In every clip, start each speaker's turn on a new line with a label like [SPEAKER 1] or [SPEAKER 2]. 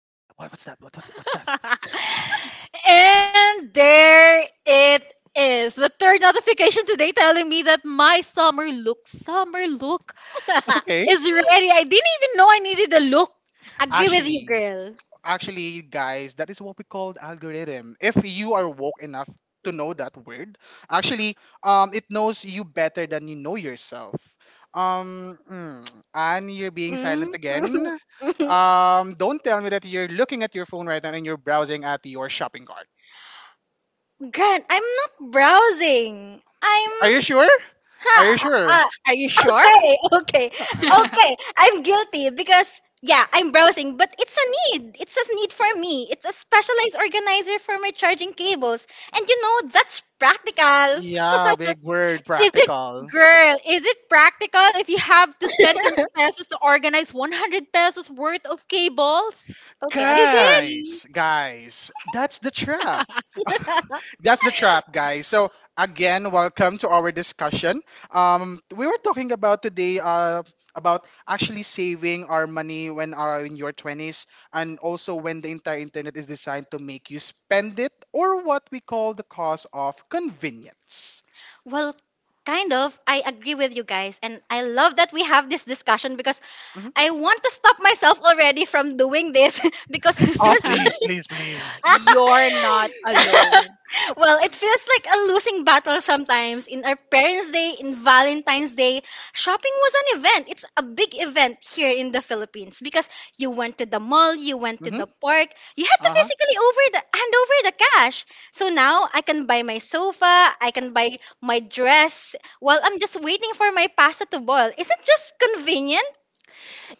[SPEAKER 1] What's that? What's that? What's that?
[SPEAKER 2] And there it is. The third notification today telling me that my summer look
[SPEAKER 1] Okay.
[SPEAKER 2] is ready. I didn't even know I needed a look.
[SPEAKER 3] Agree with you,
[SPEAKER 1] Actually,
[SPEAKER 3] girl.
[SPEAKER 1] actually, guys, that is what we called algorithm. If you are woke enough to know that word, actually, it knows you better than you know yourself. Um, mm, and you're being silent
[SPEAKER 3] Mm?
[SPEAKER 1] again. Don't tell me that you're looking at your phone right now and you're browsing at your shopping cart.
[SPEAKER 3] Grant, I'm not browsing. I'm.
[SPEAKER 1] Are you sure? Are
[SPEAKER 3] Ha,
[SPEAKER 1] you
[SPEAKER 3] ah,
[SPEAKER 1] sure?
[SPEAKER 3] ah,
[SPEAKER 2] Are you sure?
[SPEAKER 3] okay, okay, okay. I'm guilty because, yeah, I'm browsing, but it's a need. It's a need for me. It's a specialized organizer for my charging cables. And you know, that's practical.
[SPEAKER 1] Yeah, big word,
[SPEAKER 2] Is it
[SPEAKER 1] practical.
[SPEAKER 2] Girl, is it practical if you have to spend 30 pesos to organize 100 pesos worth of cables?
[SPEAKER 3] Okay, I'm
[SPEAKER 2] Is it?
[SPEAKER 3] sorry.
[SPEAKER 1] Guys, guys, that's the trap. That's the trap, guys. So again, welcome to our discussion. We were talking about today, about actually saving our money when are in your twenties, and also when the entire internet is designed to make you spend it, or what we call the cost of convenience.
[SPEAKER 3] Well, kind of. I agree with you guys. And I love that we have this discussion because
[SPEAKER 1] Hmm.
[SPEAKER 3] I want to stop myself already from doing this because it
[SPEAKER 1] Oh,
[SPEAKER 3] feels.
[SPEAKER 1] please, please, please.
[SPEAKER 2] You're not alone.
[SPEAKER 3] Well, it feels like a losing battle sometimes. In our Parents' Day, in Valentine's Day, shopping was an event. It's a big event here in the Philippines because you went to the mall, you went to
[SPEAKER 1] Mm-hmm.
[SPEAKER 3] the park, you had to
[SPEAKER 1] Uh huh.
[SPEAKER 3] physically over the hand over the cash. So now I can buy my sofa, I can buy my dress while I'm just waiting for my pasta to boil. Isn't just convenient?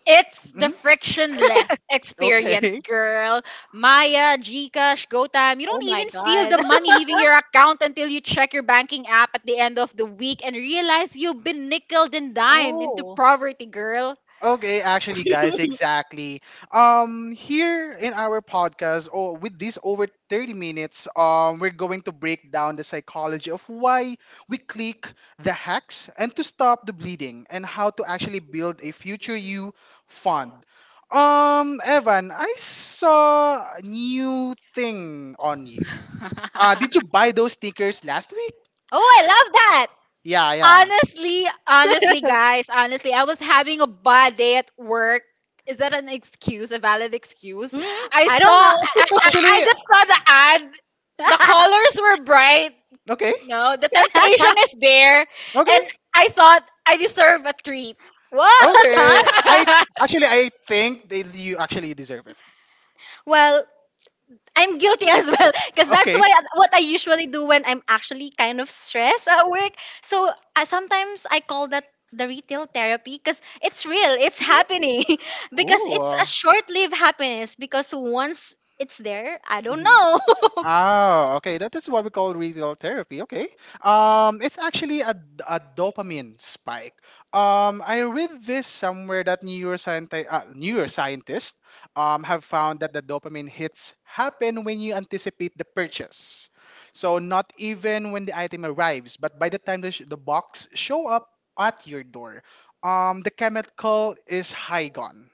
[SPEAKER 2] It's the
[SPEAKER 1] Mm-hmm.
[SPEAKER 2] frictionless experience,
[SPEAKER 1] Okay.
[SPEAKER 2] girl. Maya, Gcash, GoTime. You
[SPEAKER 3] Oh
[SPEAKER 2] don't
[SPEAKER 3] my
[SPEAKER 2] even feel
[SPEAKER 3] god.
[SPEAKER 2] the money leaving your account until you check your banking app at the end of the week and realize you've been nickel and dime into
[SPEAKER 3] Oh.
[SPEAKER 2] poverty, girl.
[SPEAKER 1] Okay, actually, guys, exactly. Here in our podcast, or with this over 30 minutes, we're going to break down the psychology of why we click the hacks and to stop the bleeding and how to actually build a future you fund. Evan, I saw a new thing on you. Did you buy those sneakers last week?
[SPEAKER 3] Oh, I love that.
[SPEAKER 1] Yeah, yeah.
[SPEAKER 2] Honestly, guys, honestly, I was having a bad day at work. Is that an excuse, a valid excuse?
[SPEAKER 3] Hmm?
[SPEAKER 2] I
[SPEAKER 3] I
[SPEAKER 2] saw,
[SPEAKER 3] don't
[SPEAKER 2] I,
[SPEAKER 3] know.
[SPEAKER 2] I, I
[SPEAKER 1] Actually,
[SPEAKER 2] just saw the ad. The colors were bright.
[SPEAKER 1] okay,
[SPEAKER 2] No, the temptation is there. And
[SPEAKER 1] okay.
[SPEAKER 2] I thought I deserve a treat.
[SPEAKER 3] What?
[SPEAKER 1] Okay. I actually I think that you actually deserve it.
[SPEAKER 3] Well, I'm guilty as well because that's
[SPEAKER 1] Okay.
[SPEAKER 3] why what I usually do when I'm actually kind of stressed at work. So sometimes I call that the retail therapy because it's real, it's happening because
[SPEAKER 1] Ooh.
[SPEAKER 3] it's a short-lived happiness because once it's there, I don't
[SPEAKER 1] Mm-hmm.
[SPEAKER 3] know.
[SPEAKER 1] Oh, okay. That is what we call retail therapy. Okay. It's actually a dopamine spike. I read this somewhere that neuroscientists have found that the dopamine hits happen when you anticipate the purchase. So not even when the item arrives, but by the time the box show up at your door, the chemical is high gone.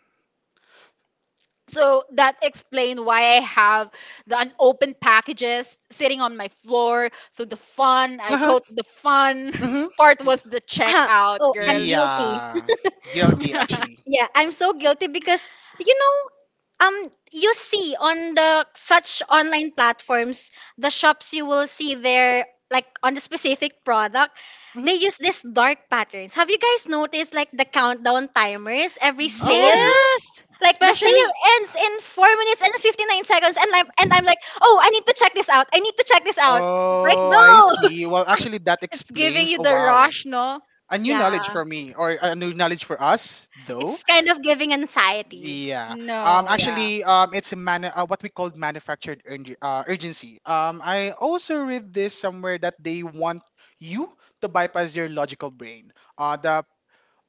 [SPEAKER 2] So that explained why I have the unopened packages sitting on my floor. So the fun, I
[SPEAKER 1] Uh-huh.
[SPEAKER 2] quote the fun,
[SPEAKER 1] Mm-hmm.
[SPEAKER 2] part was the
[SPEAKER 3] Ah,
[SPEAKER 2] checkout,
[SPEAKER 3] oh, I'm
[SPEAKER 2] girl.
[SPEAKER 3] guilty.
[SPEAKER 1] Yeah. Guilty, actually.
[SPEAKER 3] Yeah, I'm so guilty because you see on the such online platforms, the shops you will see there, like on the specific product,
[SPEAKER 1] Mhm.
[SPEAKER 3] they use this dark patterns. Have you guys noticed like the countdown timers every
[SPEAKER 1] Oh,
[SPEAKER 3] sale?
[SPEAKER 1] y-
[SPEAKER 2] Yes,
[SPEAKER 3] Like the sale
[SPEAKER 2] especially
[SPEAKER 3] ends in 4 minutes and 59 seconds, and I'm like, oh, I need to check this out. I need to check this out. Like
[SPEAKER 1] oh, I
[SPEAKER 3] no,
[SPEAKER 1] see. Well, actually, that
[SPEAKER 2] it's giving
[SPEAKER 1] explains.
[SPEAKER 2] you
[SPEAKER 1] Oh,
[SPEAKER 2] the
[SPEAKER 1] wow.
[SPEAKER 2] rush, no?
[SPEAKER 1] A new knowledge
[SPEAKER 3] yeah,
[SPEAKER 1] for me, or a new knowledge for us, though.
[SPEAKER 3] it's kind of giving anxiety.
[SPEAKER 1] Yeah.
[SPEAKER 2] No, yeah.
[SPEAKER 1] Actually, it's a man. What we call manufactured urgency. I also read this somewhere that they want you to bypass your logical brain. The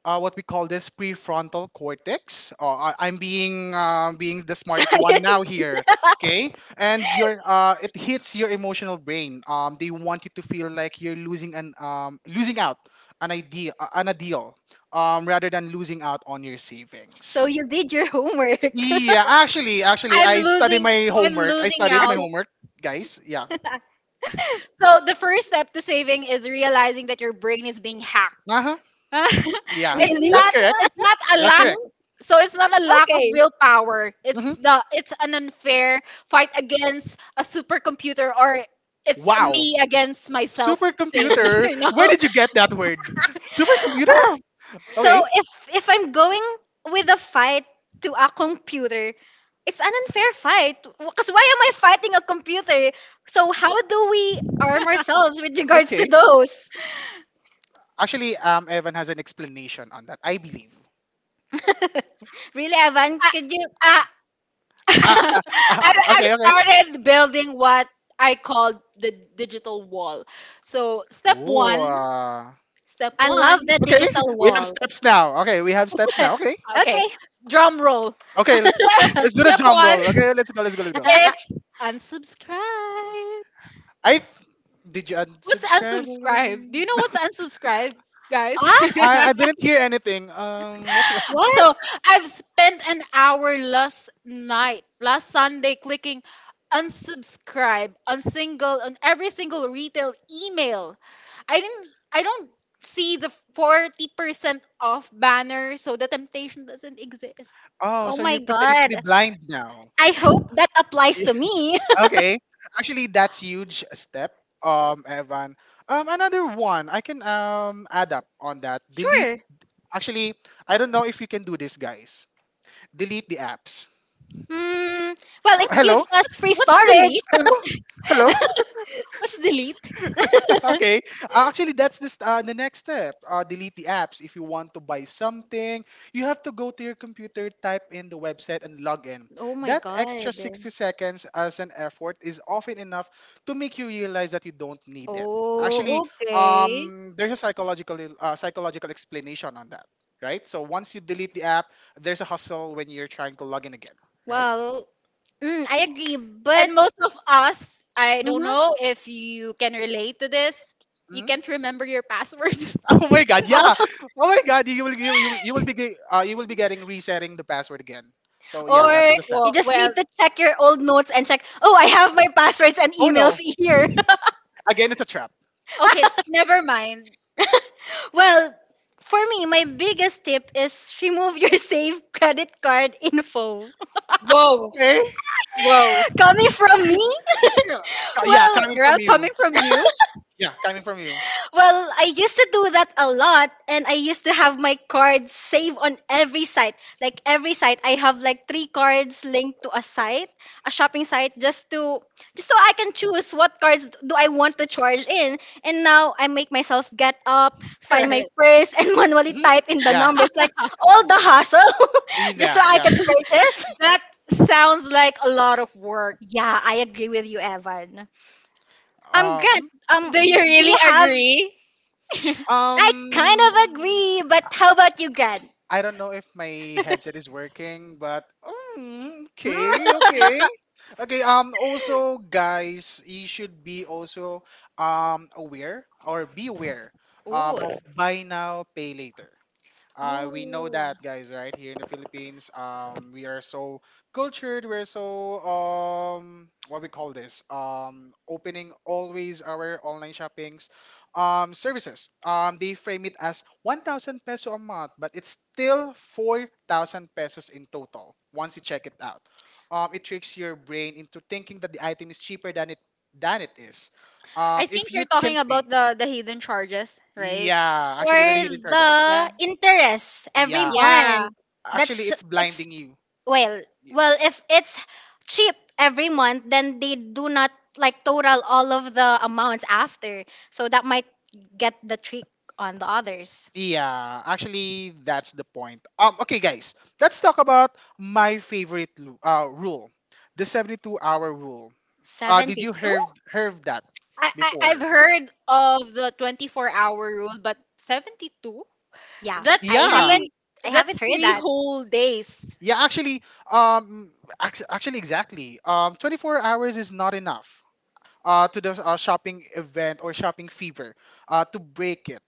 [SPEAKER 1] what we call this prefrontal cortex. Oh, I'm being being the smartest one
[SPEAKER 3] Science.
[SPEAKER 1] now here, okay? And your it hits your emotional brain. They want you to feel like you're losing out an idea on a deal, rather than losing out on your
[SPEAKER 3] So
[SPEAKER 1] savings.
[SPEAKER 3] you did your homework.
[SPEAKER 1] Yeah, actually,
[SPEAKER 2] I'm
[SPEAKER 1] I studied
[SPEAKER 2] losing
[SPEAKER 1] my
[SPEAKER 2] I'm
[SPEAKER 1] homework. I
[SPEAKER 2] losing
[SPEAKER 1] studied my
[SPEAKER 2] out.
[SPEAKER 1] homework, guys. Yeah.
[SPEAKER 2] So the first step to saving is realizing that your brain is being hacked.
[SPEAKER 1] Uh huh. Yeah,
[SPEAKER 2] it's
[SPEAKER 3] Really?
[SPEAKER 1] that's
[SPEAKER 2] not
[SPEAKER 1] correct.
[SPEAKER 2] it's not a
[SPEAKER 1] That's
[SPEAKER 2] lack.
[SPEAKER 1] correct.
[SPEAKER 3] Hmm?
[SPEAKER 2] So it's not a lack of
[SPEAKER 3] Okay.
[SPEAKER 2] willpower. It's
[SPEAKER 1] Hmm.
[SPEAKER 2] the it's an unfair fight against a supercomputer, or it's a
[SPEAKER 1] Wow.
[SPEAKER 2] me against myself thing.
[SPEAKER 1] Supercomputer? Where did you get that word? Supercomputer?
[SPEAKER 3] Ah,
[SPEAKER 1] Okay.
[SPEAKER 3] so if I'm going with a fight to a computer, it's an unfair fight. Because why am I fighting a computer? So how do we arm ourselves with regards to
[SPEAKER 1] Okay.
[SPEAKER 3] those?
[SPEAKER 1] Actually, Evan has an explanation on that, I believe.
[SPEAKER 3] Really, Evan,
[SPEAKER 2] I,
[SPEAKER 3] could you?
[SPEAKER 2] I,
[SPEAKER 1] Ah, ah, ah,
[SPEAKER 2] I I've
[SPEAKER 1] okay, okay.
[SPEAKER 2] started building what I call the digital wall. So step
[SPEAKER 1] Ooh,
[SPEAKER 2] 1,
[SPEAKER 1] ah.
[SPEAKER 2] step
[SPEAKER 3] I
[SPEAKER 2] 1.
[SPEAKER 3] love the
[SPEAKER 1] Okay,
[SPEAKER 3] digital
[SPEAKER 1] we have
[SPEAKER 3] wall.
[SPEAKER 1] steps now. Okay, we have steps now. Okay,
[SPEAKER 2] Okay.
[SPEAKER 3] Okay.
[SPEAKER 2] Drum roll.
[SPEAKER 1] okay, let's do the
[SPEAKER 2] Step
[SPEAKER 1] drum
[SPEAKER 2] 1.
[SPEAKER 1] roll. Okay, let's go, let's go, let's go.
[SPEAKER 2] It's unsubscribe.
[SPEAKER 1] I th- did you
[SPEAKER 2] What's
[SPEAKER 1] unsubscribe
[SPEAKER 2] unsubscribe? Do you
[SPEAKER 1] already?
[SPEAKER 2] know what's unsubscribe, guys?
[SPEAKER 3] ah?
[SPEAKER 1] I didn't hear anything. What's it?
[SPEAKER 3] What?
[SPEAKER 2] So I've spent an hour last night, last Sunday, clicking unsubscribe on every single retail email. I didn't. I don't see the 40% off banner, so the temptation doesn't exist.
[SPEAKER 1] Oh,
[SPEAKER 3] Oh
[SPEAKER 1] so
[SPEAKER 3] my
[SPEAKER 1] you're pretending to
[SPEAKER 3] god.
[SPEAKER 1] be blind now?
[SPEAKER 3] I hope that applies to me.
[SPEAKER 1] Okay. Actually, that's huge step, Evan. Another one I can add up on that. Delete.
[SPEAKER 3] Sure.
[SPEAKER 1] Actually, I don't know if you can do this, guys. Delete the apps.
[SPEAKER 3] Hmm. Well,
[SPEAKER 2] What,
[SPEAKER 3] it
[SPEAKER 2] what
[SPEAKER 1] Hello.
[SPEAKER 3] gives us
[SPEAKER 2] what's
[SPEAKER 3] free
[SPEAKER 2] what's
[SPEAKER 3] storage.
[SPEAKER 2] delete?
[SPEAKER 1] Hello. Hello.
[SPEAKER 2] What's delete?
[SPEAKER 1] Okay. Actually, that's this the next step. Delete the apps if you want to buy something. You have to go to your computer, type in the website, and log in.
[SPEAKER 3] Oh my
[SPEAKER 1] That extra
[SPEAKER 3] god.
[SPEAKER 1] 60 seconds as an effort is often enough to make you realize that you don't need it.
[SPEAKER 3] Oh,
[SPEAKER 1] Actually,
[SPEAKER 3] okay.
[SPEAKER 1] there's a psychological explanation on that, right? So once you delete the app, there's a hustle when you're trying to log in again, right?
[SPEAKER 3] Well, I agree, but
[SPEAKER 2] And most of us, I don't
[SPEAKER 3] mhm.
[SPEAKER 2] know if you can relate to this. You
[SPEAKER 1] Mhm.
[SPEAKER 2] can't remember your password.
[SPEAKER 1] Oh my god, yeah.
[SPEAKER 3] Oh,
[SPEAKER 1] Oh my god, you will be getting resetting the password again. So yeah,
[SPEAKER 3] or
[SPEAKER 1] that's the step.
[SPEAKER 3] you
[SPEAKER 2] Well,
[SPEAKER 3] just
[SPEAKER 2] well,
[SPEAKER 3] need to check your old notes and check, oh, I have my passwords and
[SPEAKER 1] Oh
[SPEAKER 3] emails
[SPEAKER 1] no,
[SPEAKER 3] here.
[SPEAKER 1] again it's a trap.
[SPEAKER 2] okay, never mind.
[SPEAKER 3] Well, for me, my biggest tip is remove your saved credit card info.
[SPEAKER 2] Whoa,
[SPEAKER 1] Okay.
[SPEAKER 2] whoa,
[SPEAKER 3] Coming from me?
[SPEAKER 1] Yeah,
[SPEAKER 3] Well,
[SPEAKER 1] coming
[SPEAKER 2] girl,
[SPEAKER 1] from you.
[SPEAKER 2] coming from you,
[SPEAKER 1] Yeah, coming from you.
[SPEAKER 3] well, I used to do that a lot and I used to have my cards saved on every site. Like every site I have like three cards linked to a site, a shopping site just so I can choose what cards do I want to charge in. And now I make myself get up, find
[SPEAKER 2] that
[SPEAKER 3] my purse and manually
[SPEAKER 1] Hmm.
[SPEAKER 3] type in the
[SPEAKER 1] Yeah,
[SPEAKER 3] numbers like all the hassle
[SPEAKER 1] yeah,
[SPEAKER 3] just
[SPEAKER 1] yeah,
[SPEAKER 3] so I
[SPEAKER 1] yeah.
[SPEAKER 3] can purchase.
[SPEAKER 2] sounds like a lot of work.
[SPEAKER 3] Yeah, I agree with you, Evan. Grant,
[SPEAKER 1] Um,
[SPEAKER 2] Do you
[SPEAKER 1] mhm.
[SPEAKER 3] do
[SPEAKER 2] really
[SPEAKER 3] you have
[SPEAKER 2] agree?
[SPEAKER 3] I kind
[SPEAKER 1] Mhm.
[SPEAKER 3] of agree, but how about you, Grant?
[SPEAKER 1] I don't know if my headset is working, but okay,
[SPEAKER 3] Hmm?
[SPEAKER 1] okay. Okay, also guys, you should be also aware or be aware
[SPEAKER 3] Ooh.
[SPEAKER 1] of buy now pay later.
[SPEAKER 3] Oh.
[SPEAKER 1] We know that, guys, right? Here in the Philippines, we are so cultured. We're so what we call this, opening always our online shoppings, services. They frame it as 1,000 peso a month, but it's still 4,000 pesos in total once you check it out. It tricks your brain into thinking that the item is cheaper than it is.
[SPEAKER 2] I
[SPEAKER 1] If
[SPEAKER 2] think
[SPEAKER 1] you
[SPEAKER 2] you're talking
[SPEAKER 1] can
[SPEAKER 2] about
[SPEAKER 1] pay,
[SPEAKER 2] the hidden charges, right?
[SPEAKER 1] yeah,
[SPEAKER 3] For
[SPEAKER 1] actually, the hidden
[SPEAKER 3] the
[SPEAKER 1] charges,
[SPEAKER 2] Yeah,
[SPEAKER 3] interest every
[SPEAKER 1] yeah.
[SPEAKER 2] yeah.
[SPEAKER 3] month.
[SPEAKER 1] Actually,
[SPEAKER 3] That's
[SPEAKER 1] it's
[SPEAKER 3] It's
[SPEAKER 1] blinding you.
[SPEAKER 3] well,
[SPEAKER 1] Y-
[SPEAKER 3] well if it's cheap every month, then they do not like total all of the amounts after. So that might get the trick on the others.
[SPEAKER 1] Yeah, actually, that's the point. Okay, guys, let's talk about my favorite rule, the 72-hour rule. Did you
[SPEAKER 3] 72?
[SPEAKER 1] hear heard that
[SPEAKER 2] I've
[SPEAKER 1] before?
[SPEAKER 2] heard of the 24-hour rule, but 72?
[SPEAKER 3] Yeah.
[SPEAKER 2] That's
[SPEAKER 3] I
[SPEAKER 1] Yeah.
[SPEAKER 2] three.
[SPEAKER 3] haven't I
[SPEAKER 2] That's
[SPEAKER 3] haven't heard
[SPEAKER 2] three
[SPEAKER 3] that.
[SPEAKER 2] whole days.
[SPEAKER 1] Yeah, actually, um, exactly. 24 hours is not enough, to the shopping event or shopping fever, to break it.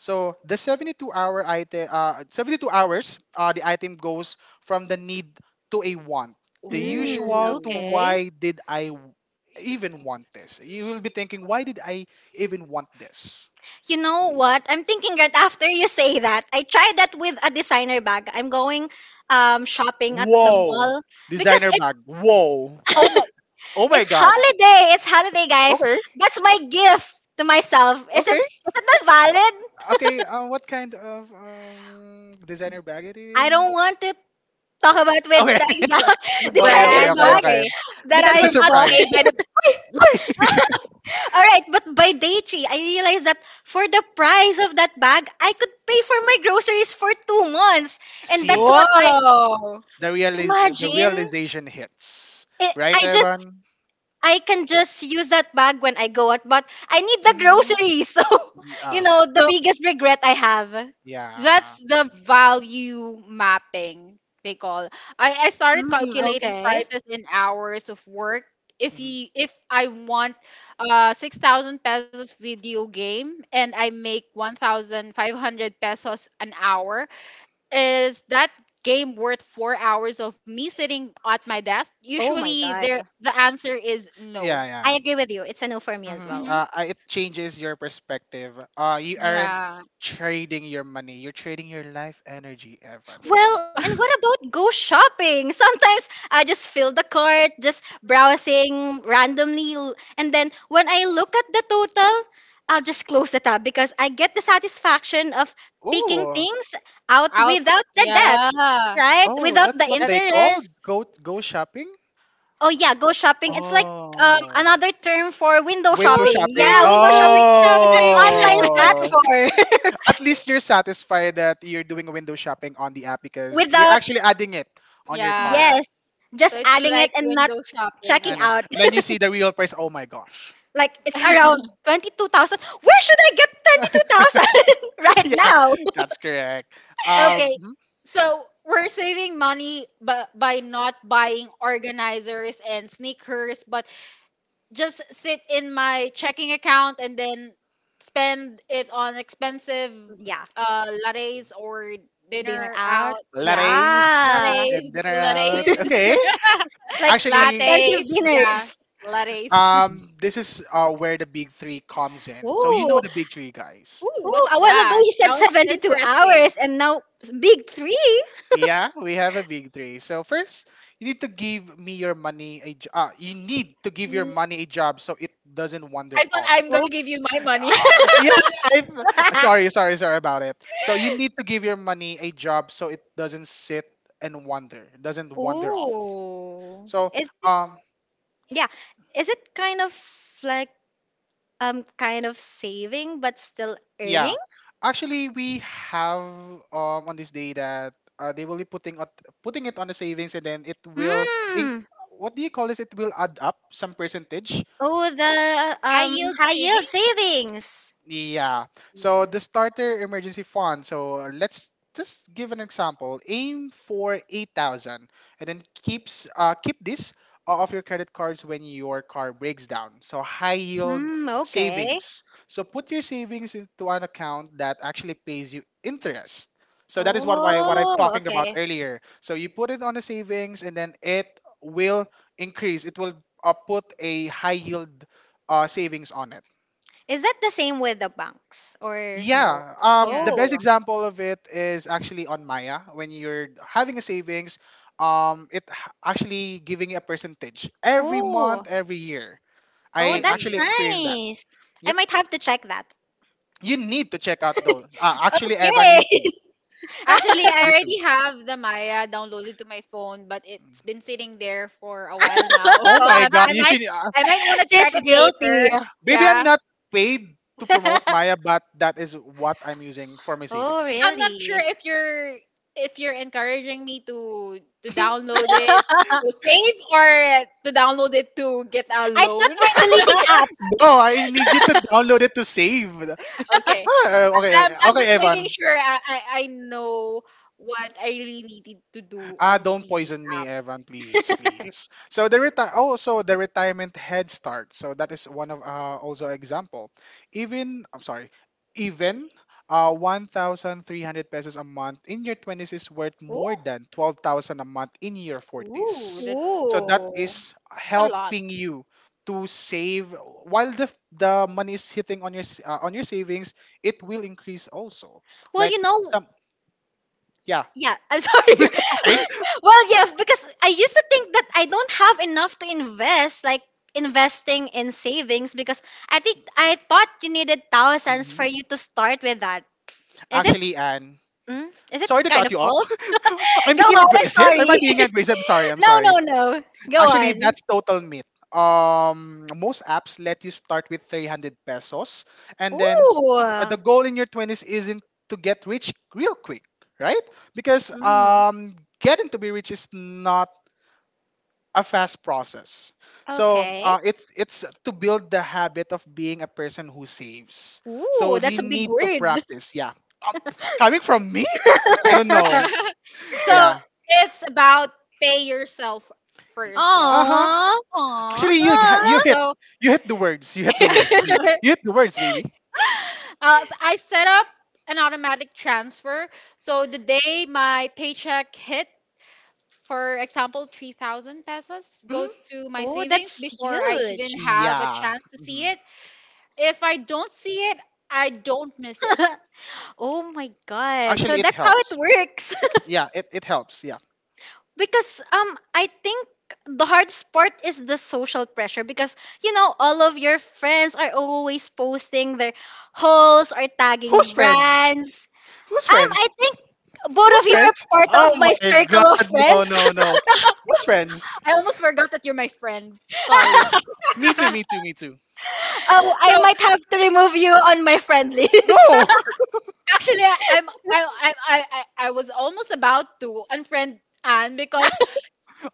[SPEAKER 1] So the 72 hour item, uh, 72 hours, the item goes from the need to a want, the
[SPEAKER 3] Mm,
[SPEAKER 1] usual to
[SPEAKER 2] Ooh.
[SPEAKER 3] okay.
[SPEAKER 1] why did I w- even want this? You will be thinking, why did I even want this?
[SPEAKER 3] You know what? I'm thinking right after you say that, I tried that with a designer bag. I'm going shopping at the, yes,
[SPEAKER 1] Whoa,
[SPEAKER 3] mall because,
[SPEAKER 1] designer
[SPEAKER 3] yes, it's
[SPEAKER 1] bag. Whoa,
[SPEAKER 2] Oh my,
[SPEAKER 1] oh my
[SPEAKER 3] it's
[SPEAKER 1] god.
[SPEAKER 3] holiday. It's holiday, guys.
[SPEAKER 1] Okay,
[SPEAKER 3] That's my gift to myself. Isn't
[SPEAKER 1] okay,
[SPEAKER 3] isn't that valid?
[SPEAKER 1] okay. What kind of designer bag it
[SPEAKER 3] I
[SPEAKER 1] is?
[SPEAKER 3] don't want to talk about
[SPEAKER 1] Okay.
[SPEAKER 3] with the exact
[SPEAKER 2] the
[SPEAKER 1] Okay,
[SPEAKER 3] designer
[SPEAKER 1] okay,
[SPEAKER 2] brand.
[SPEAKER 1] okay,
[SPEAKER 3] bag
[SPEAKER 1] okay.
[SPEAKER 2] Okay,
[SPEAKER 3] that
[SPEAKER 2] because
[SPEAKER 1] It's a
[SPEAKER 3] I
[SPEAKER 2] we're not
[SPEAKER 3] bought.
[SPEAKER 1] surprise.
[SPEAKER 2] paid by the.
[SPEAKER 3] All right, but by day three, I realized that for the price of that bag, I could pay for my groceries for 2 months. And that's
[SPEAKER 1] C.
[SPEAKER 3] what I
[SPEAKER 2] Whoa.
[SPEAKER 1] The
[SPEAKER 3] imagine.
[SPEAKER 1] realization hits.
[SPEAKER 3] It,
[SPEAKER 1] Right,
[SPEAKER 3] I just,
[SPEAKER 1] Evan?
[SPEAKER 3] I can just use that bag when I go out, but I need the
[SPEAKER 1] Mm-hmm.
[SPEAKER 3] groceries. So,
[SPEAKER 1] Yeah.
[SPEAKER 3] the
[SPEAKER 2] So
[SPEAKER 3] biggest regret I have.
[SPEAKER 2] that's
[SPEAKER 1] Yeah.
[SPEAKER 2] the value mapping they call. I started
[SPEAKER 3] Mm,
[SPEAKER 2] calculating
[SPEAKER 3] okay.
[SPEAKER 2] prices in hours of work. If
[SPEAKER 1] Hmm.
[SPEAKER 2] you if I want a 6,000 pesos video game and I make 1,500 pesos an hour, is that game worth 4 hours of me sitting at my desk?
[SPEAKER 3] Oh my
[SPEAKER 2] Usually, there
[SPEAKER 3] God.
[SPEAKER 2] the answer is no.
[SPEAKER 1] Yeah,
[SPEAKER 3] I
[SPEAKER 1] yeah.
[SPEAKER 3] agree with you. It's a no for me as
[SPEAKER 1] Mm-hmm.
[SPEAKER 3] well.
[SPEAKER 2] Hmm.
[SPEAKER 1] It changes your perspective. You aren't
[SPEAKER 2] Yeah.
[SPEAKER 1] trading your money. You're trading your life energy, Evan.
[SPEAKER 3] Well, and what about go shopping? Sometimes I just fill the cart, just browsing randomly, and then when I look at the total, I'll just close the tab because I get the satisfaction of picking
[SPEAKER 1] Oh,
[SPEAKER 3] things out
[SPEAKER 2] Out.
[SPEAKER 3] without the debt,
[SPEAKER 2] Yeah.
[SPEAKER 3] right?
[SPEAKER 1] oh,
[SPEAKER 3] Without
[SPEAKER 1] that's
[SPEAKER 3] the
[SPEAKER 1] what
[SPEAKER 2] That
[SPEAKER 1] they call
[SPEAKER 3] interest.
[SPEAKER 1] go go shopping.
[SPEAKER 3] Oh yeah, go shopping. It's like
[SPEAKER 1] Oh,
[SPEAKER 3] another term for window
[SPEAKER 1] window
[SPEAKER 3] shopping.
[SPEAKER 2] go,
[SPEAKER 1] shopping.
[SPEAKER 3] Yeah, window
[SPEAKER 2] go
[SPEAKER 3] shopping in an
[SPEAKER 2] shopping.
[SPEAKER 3] online
[SPEAKER 1] Oh,
[SPEAKER 3] platform
[SPEAKER 1] at least you're satisfied that you're doing window shopping on the app because you're
[SPEAKER 3] without
[SPEAKER 1] actually adding it on your cart,
[SPEAKER 2] Yeah.
[SPEAKER 3] yes,
[SPEAKER 2] So
[SPEAKER 3] just
[SPEAKER 2] it's
[SPEAKER 3] adding it
[SPEAKER 2] like
[SPEAKER 3] and not
[SPEAKER 2] window shopping.
[SPEAKER 3] checking
[SPEAKER 1] and
[SPEAKER 3] out.
[SPEAKER 1] then you see the real price. Oh my gosh.
[SPEAKER 3] Like it's around 22,000. Where should I get 22,000 right
[SPEAKER 1] Yeah,
[SPEAKER 3] now?
[SPEAKER 1] that's correct.
[SPEAKER 2] Okay.
[SPEAKER 1] Mhm.
[SPEAKER 2] So we're saving money but by not buying organizers and sneakers, but just sit in my checking account and then spend it on expensive
[SPEAKER 3] Yeah.
[SPEAKER 2] lattes or
[SPEAKER 3] Dinner
[SPEAKER 2] dinner out.
[SPEAKER 3] out.
[SPEAKER 2] Yeah.
[SPEAKER 1] Lattes
[SPEAKER 3] Yeah.
[SPEAKER 1] and
[SPEAKER 2] Lattes,
[SPEAKER 1] dinner out.
[SPEAKER 2] lattes,
[SPEAKER 1] Okay,
[SPEAKER 3] Like
[SPEAKER 1] actually,
[SPEAKER 3] expensive
[SPEAKER 2] lattes. Yeah,
[SPEAKER 3] dinners.
[SPEAKER 2] lattes.
[SPEAKER 1] this is where the big three comes in. So you know
[SPEAKER 3] Ooh.
[SPEAKER 1] the big three guys.
[SPEAKER 2] Ooh,
[SPEAKER 3] Ooh,
[SPEAKER 2] what's
[SPEAKER 3] a while ago
[SPEAKER 2] that?
[SPEAKER 3] you said
[SPEAKER 2] Sounds
[SPEAKER 3] 72
[SPEAKER 2] interesting.
[SPEAKER 3] hours and now it's big three.
[SPEAKER 1] Yeah, we have a big three. So first, you need to give me your money you need to give your
[SPEAKER 2] Mm,
[SPEAKER 1] money a job so it doesn't wander
[SPEAKER 2] I thought
[SPEAKER 1] off.
[SPEAKER 2] I'm gonna
[SPEAKER 3] Oh.
[SPEAKER 2] give you my money.
[SPEAKER 1] Yeah, sorry, sorry, sorry about it. So you need to give your money a job so it doesn't sit and wander, doesn't wander off.
[SPEAKER 3] Ooh.
[SPEAKER 1] So
[SPEAKER 3] Is it
[SPEAKER 1] um
[SPEAKER 3] Yeah. Is it kind of like kind of saving but still
[SPEAKER 1] yeah,
[SPEAKER 3] earning?
[SPEAKER 1] actually we have on this day that they will be putting it on the savings, and then it will in,
[SPEAKER 3] Hmm.
[SPEAKER 1] what do you call this? It will add up some percentage.
[SPEAKER 3] Oh, the
[SPEAKER 2] High yield
[SPEAKER 3] high yield
[SPEAKER 2] savings.
[SPEAKER 3] savings.
[SPEAKER 1] Yeah. So the starter emergency fund. So let's just give an example. Aim for 8,000, and then keep this off your credit cards when your car breaks down. So high yield
[SPEAKER 3] Hmm. Okay.
[SPEAKER 1] savings. So put your savings into an account that actually pays you interest. So that is what I'm
[SPEAKER 3] Oh,
[SPEAKER 1] talking about
[SPEAKER 3] okay.
[SPEAKER 1] earlier. So you put it on the savings, and then it will increase. It will put a high yield savings on it.
[SPEAKER 3] Is that the same with the banks or no?
[SPEAKER 1] Yeah,
[SPEAKER 2] Yeah,
[SPEAKER 1] the best
[SPEAKER 3] Oh.
[SPEAKER 1] example of it is actually on Maya. When you're having a savings, it actually giving you a percentage every
[SPEAKER 3] Oh.
[SPEAKER 1] month, every year.
[SPEAKER 3] Oh,
[SPEAKER 1] I
[SPEAKER 3] that's
[SPEAKER 2] every
[SPEAKER 1] actually
[SPEAKER 2] year.
[SPEAKER 1] experienced that.
[SPEAKER 3] nice. I
[SPEAKER 1] Yep,
[SPEAKER 3] might have to check that.
[SPEAKER 1] you need to check out those. Actually, Evan, you too.
[SPEAKER 3] Okay.
[SPEAKER 2] Actually, I
[SPEAKER 1] You too.
[SPEAKER 2] already have the Maya downloaded to my phone, but it's been sitting there for a while now.
[SPEAKER 1] Oh
[SPEAKER 2] So
[SPEAKER 1] my God,
[SPEAKER 2] I
[SPEAKER 1] you
[SPEAKER 2] might
[SPEAKER 1] should.
[SPEAKER 2] want to
[SPEAKER 3] She's
[SPEAKER 2] check it
[SPEAKER 3] guilty.
[SPEAKER 2] later.
[SPEAKER 1] Baby, I'm
[SPEAKER 2] Yeah.
[SPEAKER 1] not paid to promote Maya, but that is what I'm using for my
[SPEAKER 3] Oh,
[SPEAKER 1] savings.
[SPEAKER 2] I'm not
[SPEAKER 3] really?
[SPEAKER 2] sure if you're encouraging me to download it to save or to download it to get a
[SPEAKER 3] I thought
[SPEAKER 2] loan.
[SPEAKER 3] we're deleting apps.
[SPEAKER 1] No, I need you to download it to save.
[SPEAKER 2] Okay.
[SPEAKER 1] Okay, okay,
[SPEAKER 2] I'm
[SPEAKER 1] okay,
[SPEAKER 2] just making
[SPEAKER 1] Evan.
[SPEAKER 2] sure I know what I really needed to do on
[SPEAKER 1] Don't
[SPEAKER 2] the
[SPEAKER 1] poison me,
[SPEAKER 2] app.
[SPEAKER 1] Evan, please, please. So the retire, oh, so the retirement head start. So that is one of also example. Even I'm sorry, even 1,300 pesos a month in your twenties is worth more than 12,000 a month in your
[SPEAKER 2] Ooh,
[SPEAKER 1] forties.
[SPEAKER 2] that's
[SPEAKER 1] So
[SPEAKER 3] Ooh.
[SPEAKER 1] that is
[SPEAKER 2] a lot.
[SPEAKER 1] helping you to save while the money is hitting on your on your savings. It will increase also.
[SPEAKER 3] Well,
[SPEAKER 1] Like some yeah.
[SPEAKER 3] yeah, I'm sorry.
[SPEAKER 1] Okay.
[SPEAKER 3] Well, yeah, because I used to think that I don't have enough to invest, like investing in savings, because I thought you needed thousands for
[SPEAKER 1] Mhm.
[SPEAKER 3] you to start with that. Is it?
[SPEAKER 1] Actually, Anne,
[SPEAKER 3] Mm, is it
[SPEAKER 1] sorry to
[SPEAKER 3] kind
[SPEAKER 1] cut
[SPEAKER 3] of
[SPEAKER 1] you off.
[SPEAKER 3] false?
[SPEAKER 1] I'm
[SPEAKER 3] Go on.
[SPEAKER 1] being
[SPEAKER 3] I'm
[SPEAKER 1] aggressive. Am I
[SPEAKER 3] sorry.
[SPEAKER 1] being aggressive? Sorry, I'm
[SPEAKER 3] No, no,
[SPEAKER 1] sorry.
[SPEAKER 3] no. Go
[SPEAKER 1] Actually,
[SPEAKER 3] on.
[SPEAKER 1] that's total myth. Most apps let you start with 300 pesos, and then
[SPEAKER 3] Ooh.
[SPEAKER 1] the goal in your 20s isn't to get rich real quick, right? Because
[SPEAKER 3] Mm,
[SPEAKER 1] getting to be rich is not a fast process. So
[SPEAKER 3] okay.
[SPEAKER 1] uh, it's to build the habit of being a person who saves.
[SPEAKER 3] Ooh,
[SPEAKER 1] So
[SPEAKER 3] that's
[SPEAKER 1] you
[SPEAKER 3] a big
[SPEAKER 1] need to
[SPEAKER 3] word.
[SPEAKER 1] practice. Yeah, um, coming from me, I don't know.
[SPEAKER 2] So
[SPEAKER 1] Yeah.
[SPEAKER 2] it's about pay yourself first. So,
[SPEAKER 1] Uh huh.
[SPEAKER 3] Aww.
[SPEAKER 2] aw.
[SPEAKER 1] Actually,
[SPEAKER 3] Aww.
[SPEAKER 2] So,
[SPEAKER 1] you hit the words. You hit the words, babe. You hit the words, baby.
[SPEAKER 2] so I set up an automatic transfer. So the day my paycheck hit, for example, 3,000 pesos
[SPEAKER 1] Mhm.
[SPEAKER 2] goes to my
[SPEAKER 3] Oh,
[SPEAKER 2] savings
[SPEAKER 3] that's
[SPEAKER 2] before I
[SPEAKER 1] Y-
[SPEAKER 2] even
[SPEAKER 3] huge.
[SPEAKER 2] have a
[SPEAKER 1] Yeah.
[SPEAKER 2] chance to see
[SPEAKER 1] Mhm.
[SPEAKER 2] it. If I don't see it, I don't miss it.
[SPEAKER 3] Oh my god. So
[SPEAKER 1] Actually, it
[SPEAKER 3] that's how it
[SPEAKER 1] helps.
[SPEAKER 3] works.
[SPEAKER 1] Yeah, it helps. Yeah.
[SPEAKER 3] Because I think the hardest part is the social pressure because you know all of your friends are always posting their hauls or tagging
[SPEAKER 1] Who's friends?
[SPEAKER 3] brands.
[SPEAKER 1] Who's
[SPEAKER 3] I
[SPEAKER 1] friends?
[SPEAKER 3] think both
[SPEAKER 1] Who's
[SPEAKER 3] of you are
[SPEAKER 1] friends?
[SPEAKER 3] part
[SPEAKER 1] Oh
[SPEAKER 3] of my
[SPEAKER 1] my
[SPEAKER 3] circle of
[SPEAKER 1] god, no,
[SPEAKER 3] friends.
[SPEAKER 1] no, no. Who's friends?
[SPEAKER 2] I almost forgot that you're my friend. Sorry.
[SPEAKER 1] Me too,
[SPEAKER 2] so
[SPEAKER 1] me too, me too.
[SPEAKER 3] Oh, I might have to remove you on my friend list.
[SPEAKER 1] No!
[SPEAKER 2] Actually, I- I'm I was almost about to unfriend Anne because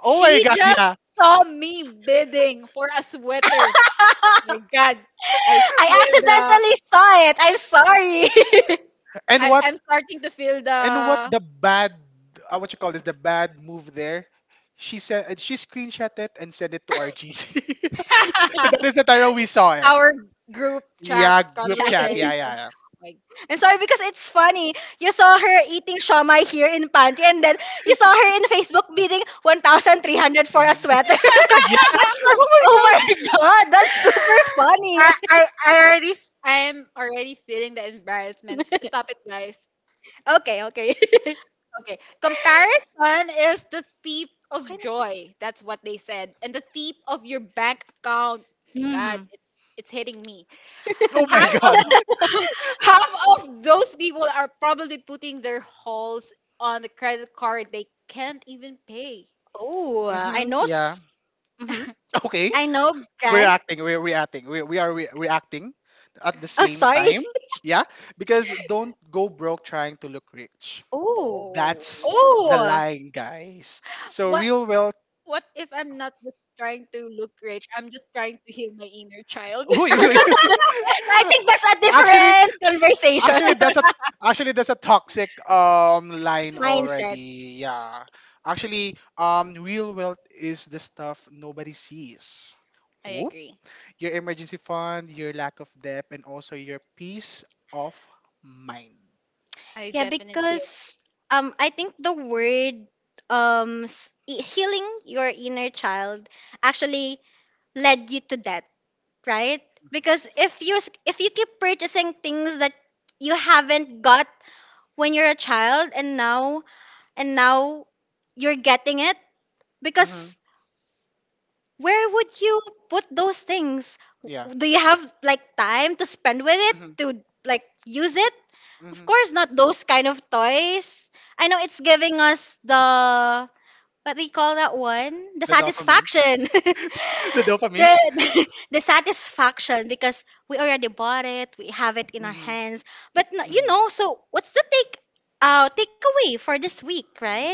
[SPEAKER 1] Oh my
[SPEAKER 2] she
[SPEAKER 1] god,
[SPEAKER 2] just
[SPEAKER 1] yeah.
[SPEAKER 2] saw me bidding for a sweater. My God, I
[SPEAKER 3] I
[SPEAKER 2] feel the
[SPEAKER 3] accidentally saw it. I'm sorry.
[SPEAKER 1] And
[SPEAKER 2] I,
[SPEAKER 1] what
[SPEAKER 2] I'm starting to feel
[SPEAKER 1] and what
[SPEAKER 2] the.
[SPEAKER 1] the bad what you call this the bad move there? She said she screenshot it and sent it to our GC. So that is the time we saw it.
[SPEAKER 2] Our group chat
[SPEAKER 1] Yeah, group
[SPEAKER 3] Child.
[SPEAKER 1] chat. Yeah,
[SPEAKER 2] conversation.
[SPEAKER 1] yeah,
[SPEAKER 2] Like
[SPEAKER 3] I'm sorry because it's funny. You saw her eating shawmai here in pantry and then you saw her in Facebook bidding 1,300 for a
[SPEAKER 1] yeah.
[SPEAKER 3] sweater.
[SPEAKER 1] Yeah.
[SPEAKER 3] That's so,
[SPEAKER 1] Oh my
[SPEAKER 3] oh
[SPEAKER 1] god.
[SPEAKER 3] my god, that's super funny.
[SPEAKER 2] I I I already I'm already feeling the embarrassment. Stop it, guys.
[SPEAKER 3] Okay, okay.
[SPEAKER 2] Okay. Comparison is the thief of
[SPEAKER 3] Okay
[SPEAKER 2] joy. That's what they said. And the thief of your bank account. My
[SPEAKER 3] na.
[SPEAKER 2] God,
[SPEAKER 3] Hmm.
[SPEAKER 2] it's hitting me.
[SPEAKER 1] Oh my
[SPEAKER 2] Half of
[SPEAKER 1] god.
[SPEAKER 2] half of those people are probably putting their holes on the credit card they can't even pay.
[SPEAKER 3] Oh, I
[SPEAKER 1] Mhm.
[SPEAKER 3] know.
[SPEAKER 1] Yeah.
[SPEAKER 3] Mhm.
[SPEAKER 1] Okay.
[SPEAKER 3] I know,
[SPEAKER 1] we're
[SPEAKER 3] Grant.
[SPEAKER 1] acting we're reacting we are re- reacting at the
[SPEAKER 3] Oh,
[SPEAKER 1] same
[SPEAKER 3] sorry.
[SPEAKER 1] time, yeah, because don't go broke trying to look rich.
[SPEAKER 3] Oh.
[SPEAKER 1] That's
[SPEAKER 2] Oh.
[SPEAKER 1] the
[SPEAKER 3] Oh.
[SPEAKER 1] line, guys. So
[SPEAKER 2] What
[SPEAKER 1] real wealth—
[SPEAKER 2] what if I'm not just trying to look rich? I'm just trying to heal my inner child.
[SPEAKER 1] Uy, uy, uy.
[SPEAKER 3] I think that's a
[SPEAKER 1] actually
[SPEAKER 3] different conversation.
[SPEAKER 1] actually that's a actually, that's a toxic line
[SPEAKER 3] Mindset.
[SPEAKER 1] already, yeah. actually Real wealth is the stuff nobody sees.
[SPEAKER 2] I
[SPEAKER 1] Oop.
[SPEAKER 2] agree.
[SPEAKER 1] Your emergency fund, your lack of debt, and also your peace of mind.
[SPEAKER 2] I
[SPEAKER 3] Yeah,
[SPEAKER 2] definitely.
[SPEAKER 3] because I think the word healing your inner child actually led you to that, right? Because if you keep purchasing things that you haven't got when you're a child and now you're getting it
[SPEAKER 1] Mm-hmm.
[SPEAKER 3] because where would you put those things?
[SPEAKER 1] Yeah.
[SPEAKER 3] Do you have like time to spend with it
[SPEAKER 1] Hmm.
[SPEAKER 3] to like use it? Of
[SPEAKER 1] Hmm.
[SPEAKER 3] course, not those kind of toys. I know it's giving us the what do you call that one? The
[SPEAKER 1] The dopamine.
[SPEAKER 3] satisfaction.
[SPEAKER 1] The dopamine.
[SPEAKER 3] The, the satisfaction because we already bought it, we have it in our
[SPEAKER 1] Hmm.
[SPEAKER 3] hands. But
[SPEAKER 1] Hmm.
[SPEAKER 3] so what's the take takeaway for this week, right?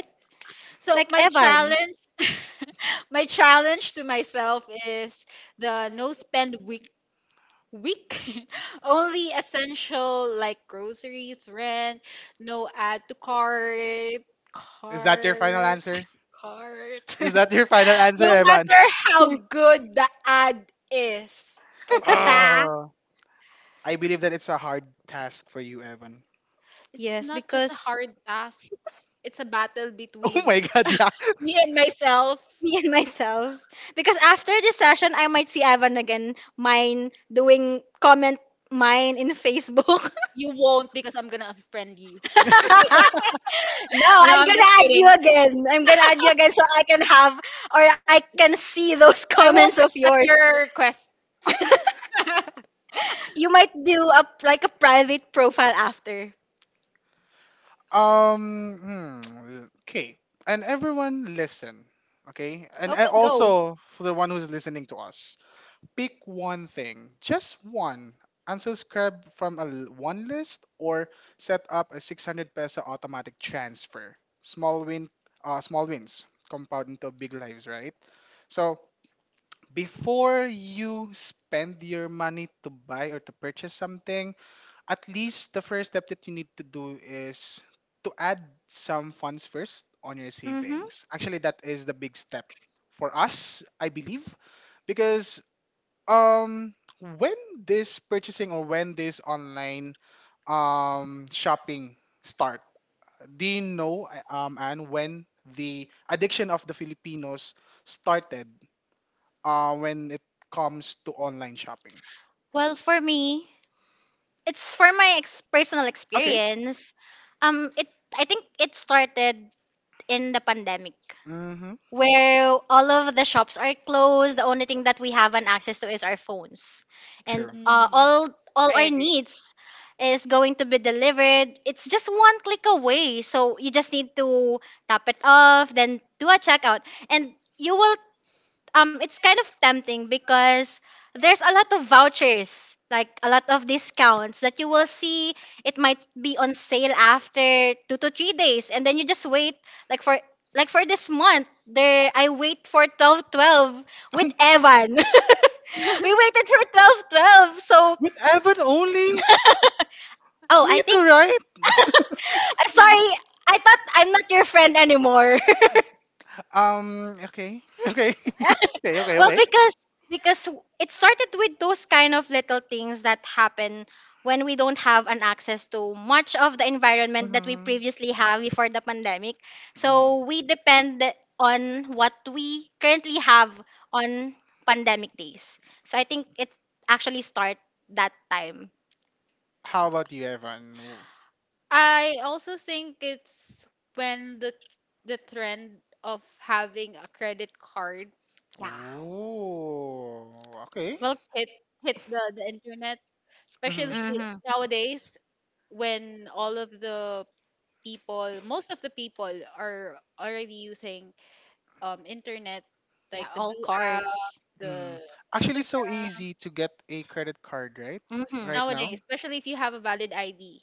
[SPEAKER 2] So
[SPEAKER 3] Like
[SPEAKER 2] my
[SPEAKER 3] Evan.
[SPEAKER 2] challenge, my challenge to myself is the no spend week, week only essential, like groceries, rent. No add to cart,
[SPEAKER 1] Is that your final
[SPEAKER 2] cart,
[SPEAKER 1] answer?
[SPEAKER 2] cart,
[SPEAKER 1] Is that your final answer,
[SPEAKER 2] no
[SPEAKER 1] Evan?
[SPEAKER 2] matter how good the ad is. Okay.
[SPEAKER 1] Oh, I believe that it's a hard task for you, Evan.
[SPEAKER 2] It's
[SPEAKER 3] Yes,
[SPEAKER 2] not just a
[SPEAKER 3] because
[SPEAKER 2] hard task, it's a battle
[SPEAKER 1] Oh
[SPEAKER 2] between
[SPEAKER 1] my god, yeah.
[SPEAKER 2] me and myself.
[SPEAKER 3] me and myself. Because after this session, I might see Evan again, mine doing comment mine in Facebook.
[SPEAKER 2] You won't because I'm gonna unfriend you.
[SPEAKER 3] No,
[SPEAKER 2] Oh, no,
[SPEAKER 3] I'm
[SPEAKER 2] I'm just
[SPEAKER 3] gonna add you
[SPEAKER 2] kidding.
[SPEAKER 3] again. I'm gonna add you again so I can have or I can see those
[SPEAKER 2] I won't
[SPEAKER 3] comments of
[SPEAKER 2] accept
[SPEAKER 3] yours.
[SPEAKER 2] your quest.
[SPEAKER 3] You might do a like a private profile after.
[SPEAKER 1] Um, okay. And everyone listen, okay? And
[SPEAKER 3] Okay, go.
[SPEAKER 1] also for the one who's listening to us. Pick one thing, just one. Unsubscribe from one list, or set up a 600 peso automatic transfer. Small wins compound into big lives, right? So before you spend your money to buy or to purchase something, at least the first step that you need to do is to add some funds first on your
[SPEAKER 3] Hmm.
[SPEAKER 1] savings. Actually, that is the big step for us, I believe, because um when this purchasing, or when this online shopping start, do you know and when the addiction of the Filipinos started, when it comes to online shopping?
[SPEAKER 3] Well, for me, it's for my personal
[SPEAKER 1] Okay.
[SPEAKER 3] experience. It I think it started in the pandemic
[SPEAKER 1] Mm-hmm.
[SPEAKER 3] where all of the shops are closed. The only thing that we have an access to is our phones, and
[SPEAKER 1] Sure.
[SPEAKER 2] Mm,
[SPEAKER 3] all
[SPEAKER 2] I
[SPEAKER 3] our
[SPEAKER 2] agree.
[SPEAKER 3] needs is going to be delivered. It's just one click away, so you just need to tap it off, then do a checkout, and you will it's kind of tempting because there's a lot of vouchers like a lot of discounts that you will see it might be on sale after 2 to 3 days and then you just wait like for like for this month there I wait for twelve twelve with Evan. We waited for 12 12. So
[SPEAKER 1] With Evan only?
[SPEAKER 3] oh
[SPEAKER 1] Me
[SPEAKER 3] I
[SPEAKER 1] too,
[SPEAKER 3] think
[SPEAKER 1] right?
[SPEAKER 3] I'm sorry I thought I'm not your friend anymore.
[SPEAKER 1] Okay. Okay. okay okay
[SPEAKER 3] Well,
[SPEAKER 1] okay
[SPEAKER 3] it started with those kind of little things that happen when we don't have an access to much of the environment that we
[SPEAKER 1] Mm-hmm.
[SPEAKER 3] previously have before the pandemic.
[SPEAKER 1] Mm-hmm.
[SPEAKER 3] So we depend on what we currently have on pandemic days. So I think it actually start that time.
[SPEAKER 1] How about you, Evan?
[SPEAKER 2] I also think it's when the trend of having a credit card
[SPEAKER 3] Yeah.
[SPEAKER 1] Oh, okay.
[SPEAKER 3] Well,
[SPEAKER 2] hit hit the, internet,
[SPEAKER 1] Mm-hmm.
[SPEAKER 2] especially
[SPEAKER 3] mm-hmm.
[SPEAKER 2] nowadays when all of the people, most of the people are already using internet
[SPEAKER 3] Yeah,
[SPEAKER 2] like the
[SPEAKER 3] all
[SPEAKER 2] blue app,
[SPEAKER 3] cards.
[SPEAKER 1] Mm-hmm.
[SPEAKER 2] the
[SPEAKER 1] Actually, it's so
[SPEAKER 2] Instagram.
[SPEAKER 1] easy to get a credit card, right?
[SPEAKER 3] Mm-hmm.
[SPEAKER 1] Right
[SPEAKER 2] Nowadays,
[SPEAKER 1] now.
[SPEAKER 2] especially if you have a valid ID.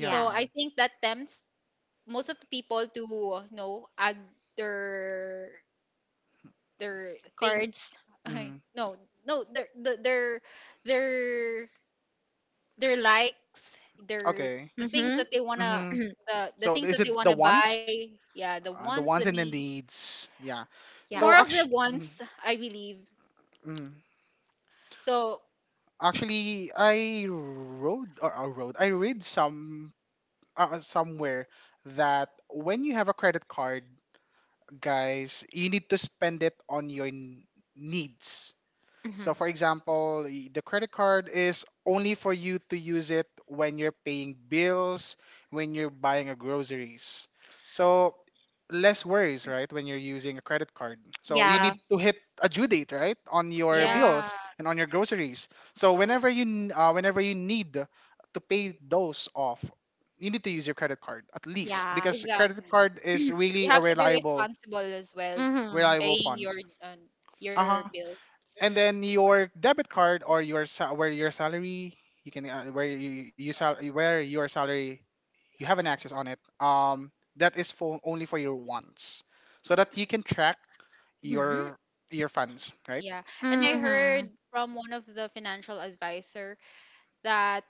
[SPEAKER 2] So I think that tempts most of the people to add their their things.
[SPEAKER 3] cards.
[SPEAKER 1] Mm-hmm.
[SPEAKER 2] No, no, their their likes, their
[SPEAKER 1] Okay.
[SPEAKER 2] the things that they wanna
[SPEAKER 1] Mm-hmm.
[SPEAKER 3] Mm-hmm.
[SPEAKER 2] the
[SPEAKER 1] So
[SPEAKER 2] things
[SPEAKER 1] is
[SPEAKER 2] that
[SPEAKER 1] it
[SPEAKER 2] they
[SPEAKER 1] the
[SPEAKER 2] wanna
[SPEAKER 1] wants?
[SPEAKER 2] buy. Yeah, the
[SPEAKER 1] The
[SPEAKER 2] ones the
[SPEAKER 1] wants and the
[SPEAKER 2] need
[SPEAKER 1] needs. Yeah.
[SPEAKER 3] Yeah.
[SPEAKER 1] So
[SPEAKER 2] more of the
[SPEAKER 1] actually,
[SPEAKER 2] ones I believe. So
[SPEAKER 1] actually, I wrote. I read some somewhere that when you have a credit card, guys, you need to spend it on needs.
[SPEAKER 3] Mm-hmm.
[SPEAKER 1] So, for example, the credit card is only for you to use it when you're paying bills, when you're buying a groceries. So, less worries, right, when you're using a credit card. So, you
[SPEAKER 3] Yeah.
[SPEAKER 1] need to hit a due date, right, on your
[SPEAKER 3] Yes.
[SPEAKER 2] yeah,
[SPEAKER 1] bills and on your groceries. So, whenever you need to pay those off, you need to use your credit card, at least,
[SPEAKER 3] Yeah.
[SPEAKER 1] because credit
[SPEAKER 2] exactly.
[SPEAKER 1] card is
[SPEAKER 2] You
[SPEAKER 1] really a
[SPEAKER 2] have to be
[SPEAKER 1] reliable—
[SPEAKER 2] responsible as well,
[SPEAKER 3] Mhm.
[SPEAKER 1] reliable
[SPEAKER 2] paying
[SPEAKER 1] funds.
[SPEAKER 2] uh,
[SPEAKER 1] Uh
[SPEAKER 2] your
[SPEAKER 1] huh.
[SPEAKER 2] bill.
[SPEAKER 1] And then your debit card, or where your salary— you can where you sal- where your salary you have an access on it. That is for only for your wants, so that you can track
[SPEAKER 3] Mhm.
[SPEAKER 1] your funds, right?
[SPEAKER 2] Yeah, and I heard
[SPEAKER 3] Mhm.
[SPEAKER 2] from one of the financial advisor that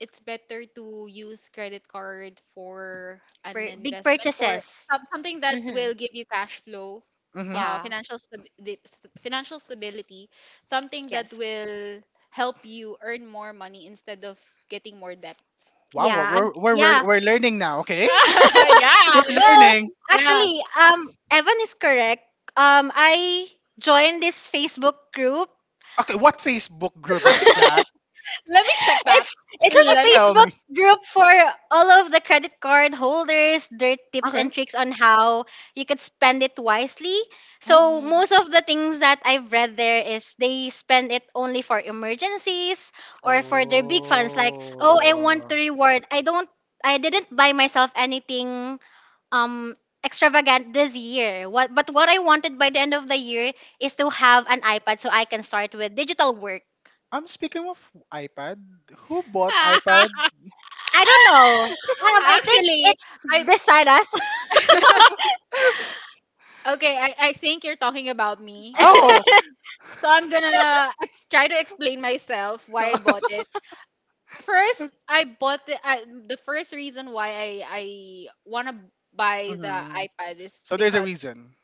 [SPEAKER 2] it's better to use credit card for an
[SPEAKER 3] Big
[SPEAKER 2] investment for
[SPEAKER 3] purchases.
[SPEAKER 2] something that will
[SPEAKER 3] Mhm.
[SPEAKER 2] give you cash flow,
[SPEAKER 1] Mm-hmm.
[SPEAKER 3] Yeah.
[SPEAKER 2] financial stability, something that
[SPEAKER 3] Yes.
[SPEAKER 2] will help you earn more money instead of getting more debts.
[SPEAKER 1] Wow, we're
[SPEAKER 3] Yeah.
[SPEAKER 1] we're we're, we're
[SPEAKER 3] Yeah.
[SPEAKER 1] we're learning now. Okay. We're
[SPEAKER 2] Yeah,
[SPEAKER 3] Well,
[SPEAKER 1] learning.
[SPEAKER 2] yeah.
[SPEAKER 3] actually, Evan is correct. I joined this Facebook group.
[SPEAKER 1] Okay, what Facebook group is that?
[SPEAKER 2] Let me check that.
[SPEAKER 3] It's it's
[SPEAKER 1] Can you
[SPEAKER 3] a
[SPEAKER 2] Let me.
[SPEAKER 1] tell
[SPEAKER 3] Facebook
[SPEAKER 1] me?
[SPEAKER 3] group for all of the credit card holders, their tips
[SPEAKER 1] Okay.
[SPEAKER 3] and tricks on how you could spend it wisely.
[SPEAKER 1] Oh.
[SPEAKER 3] So
[SPEAKER 2] Mm.
[SPEAKER 3] most of the things that I've read there is they spend it only for emergencies or for their big funds like, "Oh, I want
[SPEAKER 1] Oh.
[SPEAKER 3] to reward. I didn't buy myself anything um extravagant this year. What but what I wanted by the end of the year is to have an iPad so I can start with digital work."
[SPEAKER 1] I'm speaking of iPad. Who bought iPad?
[SPEAKER 3] I don't know. I think
[SPEAKER 2] Actually,
[SPEAKER 3] it's
[SPEAKER 2] I,
[SPEAKER 3] beside us.
[SPEAKER 2] okay. I think you're talking about me. So
[SPEAKER 1] Oh.
[SPEAKER 2] so I'm gonna try to explain myself why I bought it. First, I bought the I, the first reason why I wanna buy the
[SPEAKER 1] Mhm.
[SPEAKER 2] iPad is
[SPEAKER 1] So there's a
[SPEAKER 2] because
[SPEAKER 1] reason.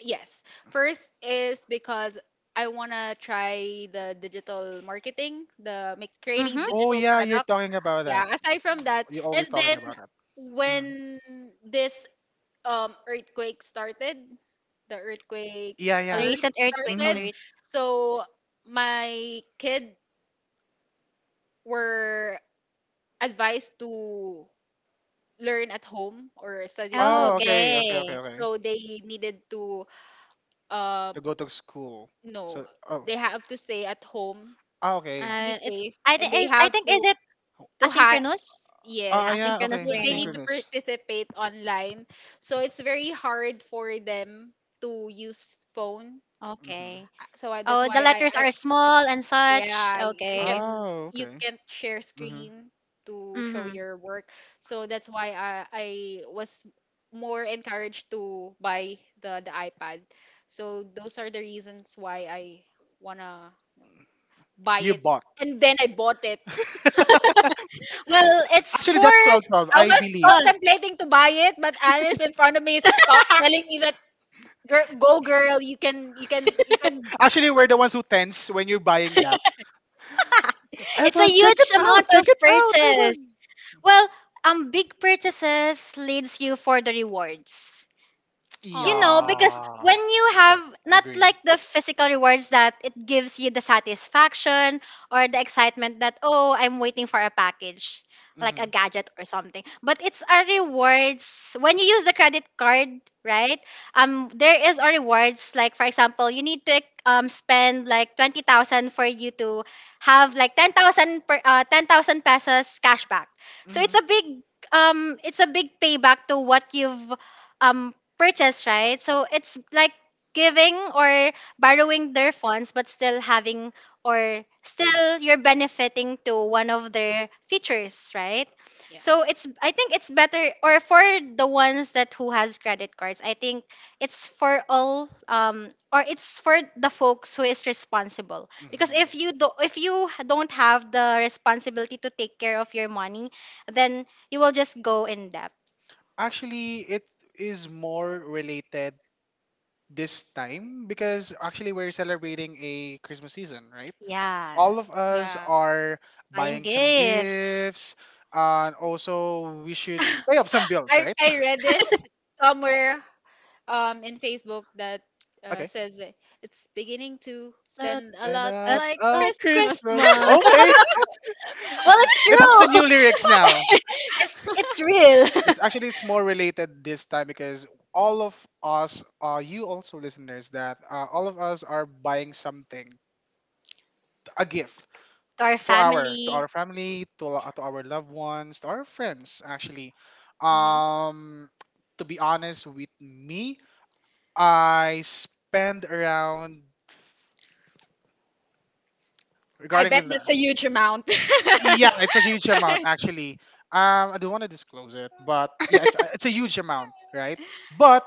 [SPEAKER 2] yes, first is because I wanna try the digital marketing, creating
[SPEAKER 3] mm-hmm.
[SPEAKER 1] Oh
[SPEAKER 2] digital
[SPEAKER 1] yeah, you're
[SPEAKER 2] product.
[SPEAKER 1] talking about that.
[SPEAKER 2] Yeah, aside from that,
[SPEAKER 1] You're
[SPEAKER 2] and
[SPEAKER 1] always talking
[SPEAKER 2] then
[SPEAKER 1] about that. Mm.
[SPEAKER 2] when this earthquake started, the earthquake
[SPEAKER 1] Yeah,
[SPEAKER 3] The
[SPEAKER 1] yeah.
[SPEAKER 2] alert
[SPEAKER 3] recent earthquake
[SPEAKER 2] started,
[SPEAKER 1] Hmm.
[SPEAKER 3] alerts.
[SPEAKER 2] so my kid were advised to learn at home or study at
[SPEAKER 3] Oh,
[SPEAKER 1] Oh,
[SPEAKER 2] home.
[SPEAKER 1] okay, okay, okay,
[SPEAKER 3] okay.
[SPEAKER 1] okay.
[SPEAKER 2] So they needed to um
[SPEAKER 1] To go to school.
[SPEAKER 2] no,
[SPEAKER 1] So, oh,
[SPEAKER 2] they have to stay at home
[SPEAKER 1] ah,
[SPEAKER 2] just
[SPEAKER 1] okay.
[SPEAKER 2] to be
[SPEAKER 3] It's
[SPEAKER 2] safe, and they
[SPEAKER 3] I
[SPEAKER 2] have
[SPEAKER 3] think is
[SPEAKER 2] to
[SPEAKER 3] it
[SPEAKER 2] hide.
[SPEAKER 3] asynchronous?
[SPEAKER 1] Oh,
[SPEAKER 2] Yes,
[SPEAKER 3] Yeah,
[SPEAKER 1] yeah,
[SPEAKER 3] asynchronous
[SPEAKER 1] okay.
[SPEAKER 2] they need
[SPEAKER 3] learning.
[SPEAKER 2] to
[SPEAKER 1] Asynchronous.
[SPEAKER 2] participate online. So it's very hard for them to use phone.
[SPEAKER 1] Hmm.
[SPEAKER 3] Okay.
[SPEAKER 2] So that's
[SPEAKER 3] Oh, the
[SPEAKER 2] why
[SPEAKER 3] letters
[SPEAKER 2] I
[SPEAKER 3] are small and such.
[SPEAKER 2] yeah,
[SPEAKER 3] Okay.
[SPEAKER 1] Oh,
[SPEAKER 2] you
[SPEAKER 1] okay.
[SPEAKER 2] can't share
[SPEAKER 1] Hmm.
[SPEAKER 2] screen to show
[SPEAKER 3] Mm-hmm.
[SPEAKER 2] your work. So that's why I was more encouraged to buy the iPad. So those are the reasons why I wanna buy
[SPEAKER 1] You
[SPEAKER 2] it.
[SPEAKER 1] bought.
[SPEAKER 2] And then I bought it.
[SPEAKER 3] Well, it's
[SPEAKER 1] Actually,
[SPEAKER 3] for
[SPEAKER 1] that's 12/12,
[SPEAKER 2] I
[SPEAKER 1] I
[SPEAKER 2] was
[SPEAKER 1] believe.
[SPEAKER 3] well,
[SPEAKER 2] contemplating to buy it, but Alice in front of me is telling me that girl, go girl, you can, you can, you can.
[SPEAKER 1] Actually, we're the ones who tense when you're buying that.
[SPEAKER 3] it's a
[SPEAKER 1] Evan, check it
[SPEAKER 3] huge amount
[SPEAKER 1] out.
[SPEAKER 3] of
[SPEAKER 1] Check it out,
[SPEAKER 3] purchase.
[SPEAKER 1] Evan.
[SPEAKER 3] Well, big purchases leads you for the rewards. You know,
[SPEAKER 2] Aw.
[SPEAKER 3] because
[SPEAKER 1] Yeah.
[SPEAKER 3] when you have not
[SPEAKER 1] Agree.
[SPEAKER 3] like the physical rewards that it gives you the satisfaction or the excitement that, oh, I'm waiting for a package, like a
[SPEAKER 1] Hmm.
[SPEAKER 3] gadget or something. But it's a rewards. When you use the credit card, right? There is a rewards. Like, for example, you need to spend like 20,000 for you to have like 10,000 pesos cashback. So it's
[SPEAKER 1] Hmm.
[SPEAKER 3] a it's a big payback to what you've purchase, right? So it's like giving or borrowing their funds, but still having or still you're benefiting to one of their features, right?
[SPEAKER 2] Yeah.
[SPEAKER 3] So it's I think it's better or for the ones that who has credit cards, I think it's for all or it's for the folks who is responsible. Because
[SPEAKER 1] Hmm.
[SPEAKER 3] if you don't have the responsibility to take care of your money, then you will just go in debt.
[SPEAKER 1] Actually, it is more related this time, because actually we're celebrating a Christmas season, right?
[SPEAKER 3] Yeah.
[SPEAKER 1] All of us
[SPEAKER 2] Yeah.
[SPEAKER 1] are
[SPEAKER 3] Buying
[SPEAKER 1] buying some
[SPEAKER 3] gifts
[SPEAKER 1] gifts, and also we should pay up some bills,
[SPEAKER 2] I,
[SPEAKER 1] right?
[SPEAKER 2] I read this somewhere in Facebook that
[SPEAKER 1] Okay.
[SPEAKER 2] says that it's beginning to
[SPEAKER 3] at,
[SPEAKER 2] spend a
[SPEAKER 1] and
[SPEAKER 2] lot
[SPEAKER 1] uh,
[SPEAKER 3] at,
[SPEAKER 2] like
[SPEAKER 1] uh
[SPEAKER 3] at
[SPEAKER 2] Christmas.
[SPEAKER 1] Christmas,
[SPEAKER 3] Christmas.
[SPEAKER 1] okay.
[SPEAKER 3] Well, it's
[SPEAKER 1] It has a
[SPEAKER 3] true.
[SPEAKER 1] new lyrics now.
[SPEAKER 3] It's real.
[SPEAKER 1] It's actually— it's more related this time because all of us, you also listeners, that all of us are buying something, a gift
[SPEAKER 3] To our
[SPEAKER 1] for our to
[SPEAKER 3] family.
[SPEAKER 1] our family, to our loved ones, to our friends. Actually
[SPEAKER 2] Mhm.
[SPEAKER 1] um to be honest with me, I spend around—
[SPEAKER 2] I
[SPEAKER 1] regarding
[SPEAKER 2] bet
[SPEAKER 1] with the—
[SPEAKER 2] that's a huge amount.
[SPEAKER 1] yeah, it's a huge amount actually. I don't want to disclose it, but yeah, it's a huge amount, right? But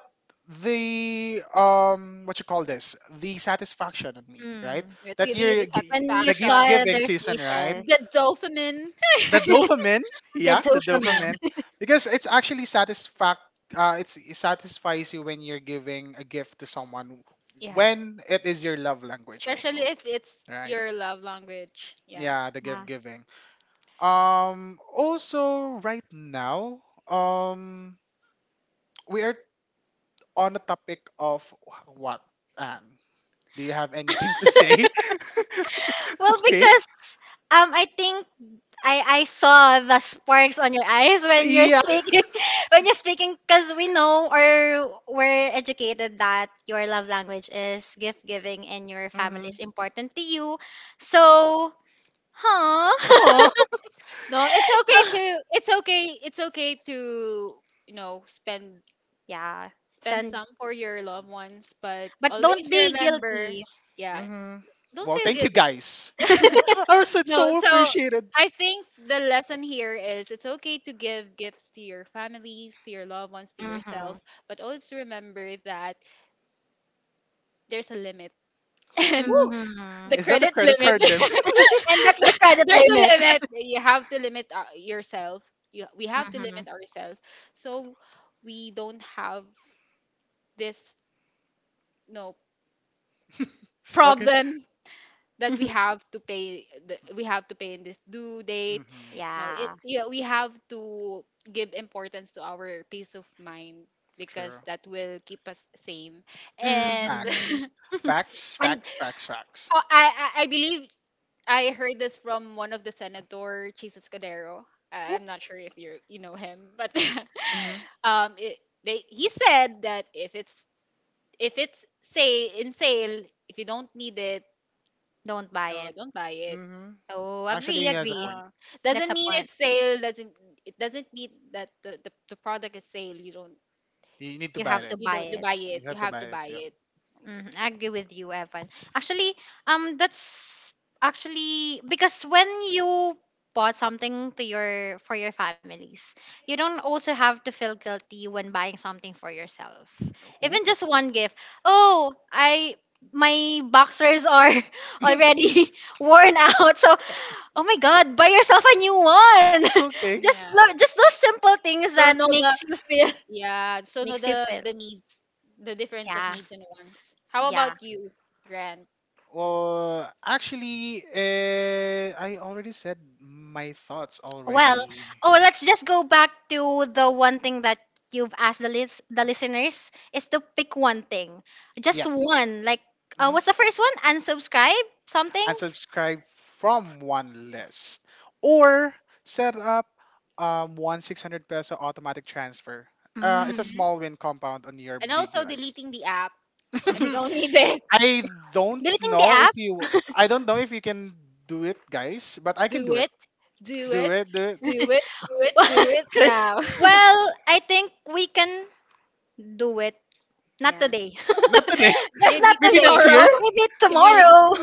[SPEAKER 1] the— what you call this? The satisfaction on me, right?
[SPEAKER 3] Mm.
[SPEAKER 2] It's
[SPEAKER 1] That
[SPEAKER 2] giving you
[SPEAKER 1] year,
[SPEAKER 2] the
[SPEAKER 3] When you
[SPEAKER 1] the gift
[SPEAKER 2] satisfaction,
[SPEAKER 3] saw
[SPEAKER 1] giving
[SPEAKER 3] their
[SPEAKER 1] season, right?
[SPEAKER 3] faces.
[SPEAKER 2] the dopamine.
[SPEAKER 1] The dopamine,
[SPEAKER 3] The
[SPEAKER 1] yeah, the
[SPEAKER 3] dopamine.
[SPEAKER 1] dopamine, because it's actually satisfact— it satisfies you when you're giving a gift to someone,
[SPEAKER 2] Yeah.
[SPEAKER 1] when it is your love language
[SPEAKER 2] Especially
[SPEAKER 1] also.
[SPEAKER 2] if it's
[SPEAKER 1] Right.
[SPEAKER 2] your love language. Yeah.
[SPEAKER 1] Yeah, the gift
[SPEAKER 3] Yeah.
[SPEAKER 1] giving. Also right now, um we are on the topic of what— Anne? Do you have anything to say?
[SPEAKER 3] Well,
[SPEAKER 1] Okay.
[SPEAKER 3] because I think I saw the sparks on your eyes when you're
[SPEAKER 1] Yeah.
[SPEAKER 3] speaking, when you're speaking, because we know or we're educated that your love language is gift giving and your family
[SPEAKER 1] Mm-hmm.
[SPEAKER 3] is important to you. So huh?
[SPEAKER 1] Oh.
[SPEAKER 2] No, it's okay
[SPEAKER 3] So,
[SPEAKER 2] to spend
[SPEAKER 3] yeah. Send,
[SPEAKER 2] some for your loved ones, but
[SPEAKER 3] but
[SPEAKER 2] always
[SPEAKER 3] don't be
[SPEAKER 2] remember,
[SPEAKER 3] guilty.
[SPEAKER 2] yeah,
[SPEAKER 1] Hmm.
[SPEAKER 2] don't
[SPEAKER 1] Well,
[SPEAKER 2] feel
[SPEAKER 1] thank you
[SPEAKER 2] guilty.
[SPEAKER 1] guys. Also, it's
[SPEAKER 2] No,
[SPEAKER 1] so
[SPEAKER 2] so
[SPEAKER 1] appreciated.
[SPEAKER 2] I think the lesson here is it's okay to give gifts to your families, to your loved ones, to yourself,
[SPEAKER 3] Mm-hmm.
[SPEAKER 2] but always remember that there's a limit and
[SPEAKER 1] Woo!
[SPEAKER 3] Mm-hmm.
[SPEAKER 2] the
[SPEAKER 1] Is that the
[SPEAKER 2] credit
[SPEAKER 1] credit
[SPEAKER 2] limit.
[SPEAKER 1] card limit?
[SPEAKER 3] And that's the credit
[SPEAKER 2] There's a
[SPEAKER 3] limit.
[SPEAKER 2] limit. You have to limit yourself. You, we have to
[SPEAKER 3] Mm-hmm.
[SPEAKER 2] limit ourselves. So we don't have this no
[SPEAKER 1] Okay.
[SPEAKER 2] problem that we have to pay in this due date.
[SPEAKER 1] Mm-hmm.
[SPEAKER 2] No, it
[SPEAKER 3] yeah.
[SPEAKER 2] yeah, we have to give importance to our peace of mind because
[SPEAKER 1] True.
[SPEAKER 2] that will keep us sane. And
[SPEAKER 3] Mm-hmm.
[SPEAKER 1] Facts. Facts,
[SPEAKER 2] and
[SPEAKER 1] facts, facts, facts.
[SPEAKER 2] oh, I believe I heard this from one of the senator, Jesus Cadero.
[SPEAKER 1] Whoop.
[SPEAKER 2] I'm not sure if you know him, but
[SPEAKER 1] Hmm.
[SPEAKER 2] it, they he said that if it's say in sale, if you don't need it,
[SPEAKER 3] Don't buy
[SPEAKER 2] no,
[SPEAKER 3] it.
[SPEAKER 2] don't buy it.
[SPEAKER 1] Hmm.
[SPEAKER 3] Oh,
[SPEAKER 1] Actually,
[SPEAKER 3] agree,
[SPEAKER 1] he has a
[SPEAKER 3] agree.
[SPEAKER 1] point.
[SPEAKER 2] Uh,
[SPEAKER 3] That's
[SPEAKER 2] doesn't
[SPEAKER 3] a
[SPEAKER 2] mean
[SPEAKER 3] point.
[SPEAKER 2] it's sale. Doesn't it doesn't mean that the product is sale. You don't
[SPEAKER 1] You need to
[SPEAKER 3] You
[SPEAKER 1] buy
[SPEAKER 3] have
[SPEAKER 2] y-
[SPEAKER 3] to
[SPEAKER 1] it.
[SPEAKER 2] you
[SPEAKER 3] buy
[SPEAKER 2] don't to
[SPEAKER 3] it.
[SPEAKER 2] buy it.
[SPEAKER 1] You
[SPEAKER 2] You
[SPEAKER 1] have to
[SPEAKER 2] have
[SPEAKER 1] buy
[SPEAKER 2] to
[SPEAKER 1] it.
[SPEAKER 2] buy
[SPEAKER 1] Yeah.
[SPEAKER 2] it.
[SPEAKER 3] Mm, I agree with you, Evan. Actually, that's actually because when you bought something to your for your families, you don't also have to feel guilty when buying something for yourself. Even
[SPEAKER 1] Whoop.
[SPEAKER 3] just one gift. Oh, I my boxers are already worn out. So, oh my God, buy yourself a new one.
[SPEAKER 2] Yeah.
[SPEAKER 3] Just those simple things
[SPEAKER 2] So
[SPEAKER 3] that
[SPEAKER 2] no,
[SPEAKER 3] makes
[SPEAKER 2] the.
[SPEAKER 3] you feel
[SPEAKER 2] Yeah, so know
[SPEAKER 3] makes you feel.
[SPEAKER 2] the needs, the difference of
[SPEAKER 3] Yeah,
[SPEAKER 2] needs and wants. How
[SPEAKER 3] yeah.
[SPEAKER 2] about you, Grant?
[SPEAKER 1] Well, actually, I already said my thoughts
[SPEAKER 3] Well,
[SPEAKER 1] already.
[SPEAKER 3] oh, let's just go back to the one thing that you've asked the listeners is to pick one thing, just
[SPEAKER 1] Yep.
[SPEAKER 3] one. Like,
[SPEAKER 1] Hmm.
[SPEAKER 3] what's the first one? Unsubscribe something.
[SPEAKER 1] Unsubscribe from one list, or set up one 600 peso automatic transfer. It's a
[SPEAKER 3] Mm.
[SPEAKER 2] Hmm.
[SPEAKER 1] small win compound on your
[SPEAKER 2] And
[SPEAKER 1] big
[SPEAKER 2] also
[SPEAKER 1] lunch.
[SPEAKER 2] deleting the app if you
[SPEAKER 1] Mhm.
[SPEAKER 2] don't need it.
[SPEAKER 1] I don't
[SPEAKER 3] Deleting the
[SPEAKER 1] know if
[SPEAKER 3] app.
[SPEAKER 1] you I don't know if you can do it, guys, but I can
[SPEAKER 2] Do
[SPEAKER 1] do it.
[SPEAKER 2] it, do
[SPEAKER 1] Do
[SPEAKER 2] it,
[SPEAKER 1] it, do it.
[SPEAKER 2] do it, do it, do it
[SPEAKER 1] Okay.
[SPEAKER 2] now.
[SPEAKER 3] well, I think we can do it. Not
[SPEAKER 2] Yeah.
[SPEAKER 3] today.
[SPEAKER 1] Not today.
[SPEAKER 3] Just
[SPEAKER 2] Maybe
[SPEAKER 3] not
[SPEAKER 1] Maybe
[SPEAKER 3] today.
[SPEAKER 1] next
[SPEAKER 2] tomorrow.
[SPEAKER 1] year.
[SPEAKER 3] Maybe
[SPEAKER 2] Maybe.
[SPEAKER 3] tomorrow.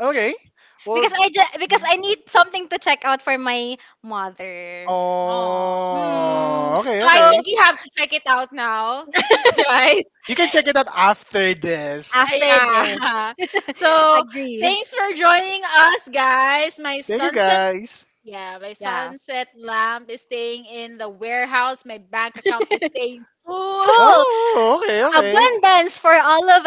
[SPEAKER 1] Okay. Well,
[SPEAKER 3] because
[SPEAKER 1] mm,
[SPEAKER 3] I need something to check out for my mother.
[SPEAKER 2] Oh.
[SPEAKER 3] Mm.
[SPEAKER 1] oh, okay,
[SPEAKER 2] So I
[SPEAKER 3] So
[SPEAKER 1] okay.
[SPEAKER 2] think you have to check it out now, guys.
[SPEAKER 1] You can check it out after this.
[SPEAKER 3] after this.
[SPEAKER 2] Yeah. So
[SPEAKER 3] Agree.
[SPEAKER 2] thanks for joining us, guys. My
[SPEAKER 1] Thank you,
[SPEAKER 2] sons and.
[SPEAKER 1] guys.
[SPEAKER 2] Yeah, my
[SPEAKER 3] Yeah.
[SPEAKER 2] sunset lamp is staying in the warehouse. My bank account is staying full.
[SPEAKER 3] Full
[SPEAKER 1] Oh, okay, okay.
[SPEAKER 3] abundance for all of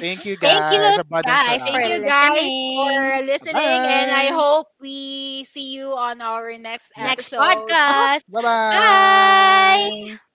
[SPEAKER 1] Thank you,
[SPEAKER 3] Thank you
[SPEAKER 1] guys. Abundance for
[SPEAKER 3] guys for
[SPEAKER 2] Thank you
[SPEAKER 1] us.
[SPEAKER 2] guys
[SPEAKER 3] listening.
[SPEAKER 2] for listening, and I
[SPEAKER 1] Bye.
[SPEAKER 2] hope we see you on our next
[SPEAKER 3] Next
[SPEAKER 1] Next.
[SPEAKER 2] episode.
[SPEAKER 1] Uh-huh.
[SPEAKER 3] podcast.
[SPEAKER 1] Bye
[SPEAKER 2] Yes, podcast.
[SPEAKER 3] Bye.
[SPEAKER 1] bye.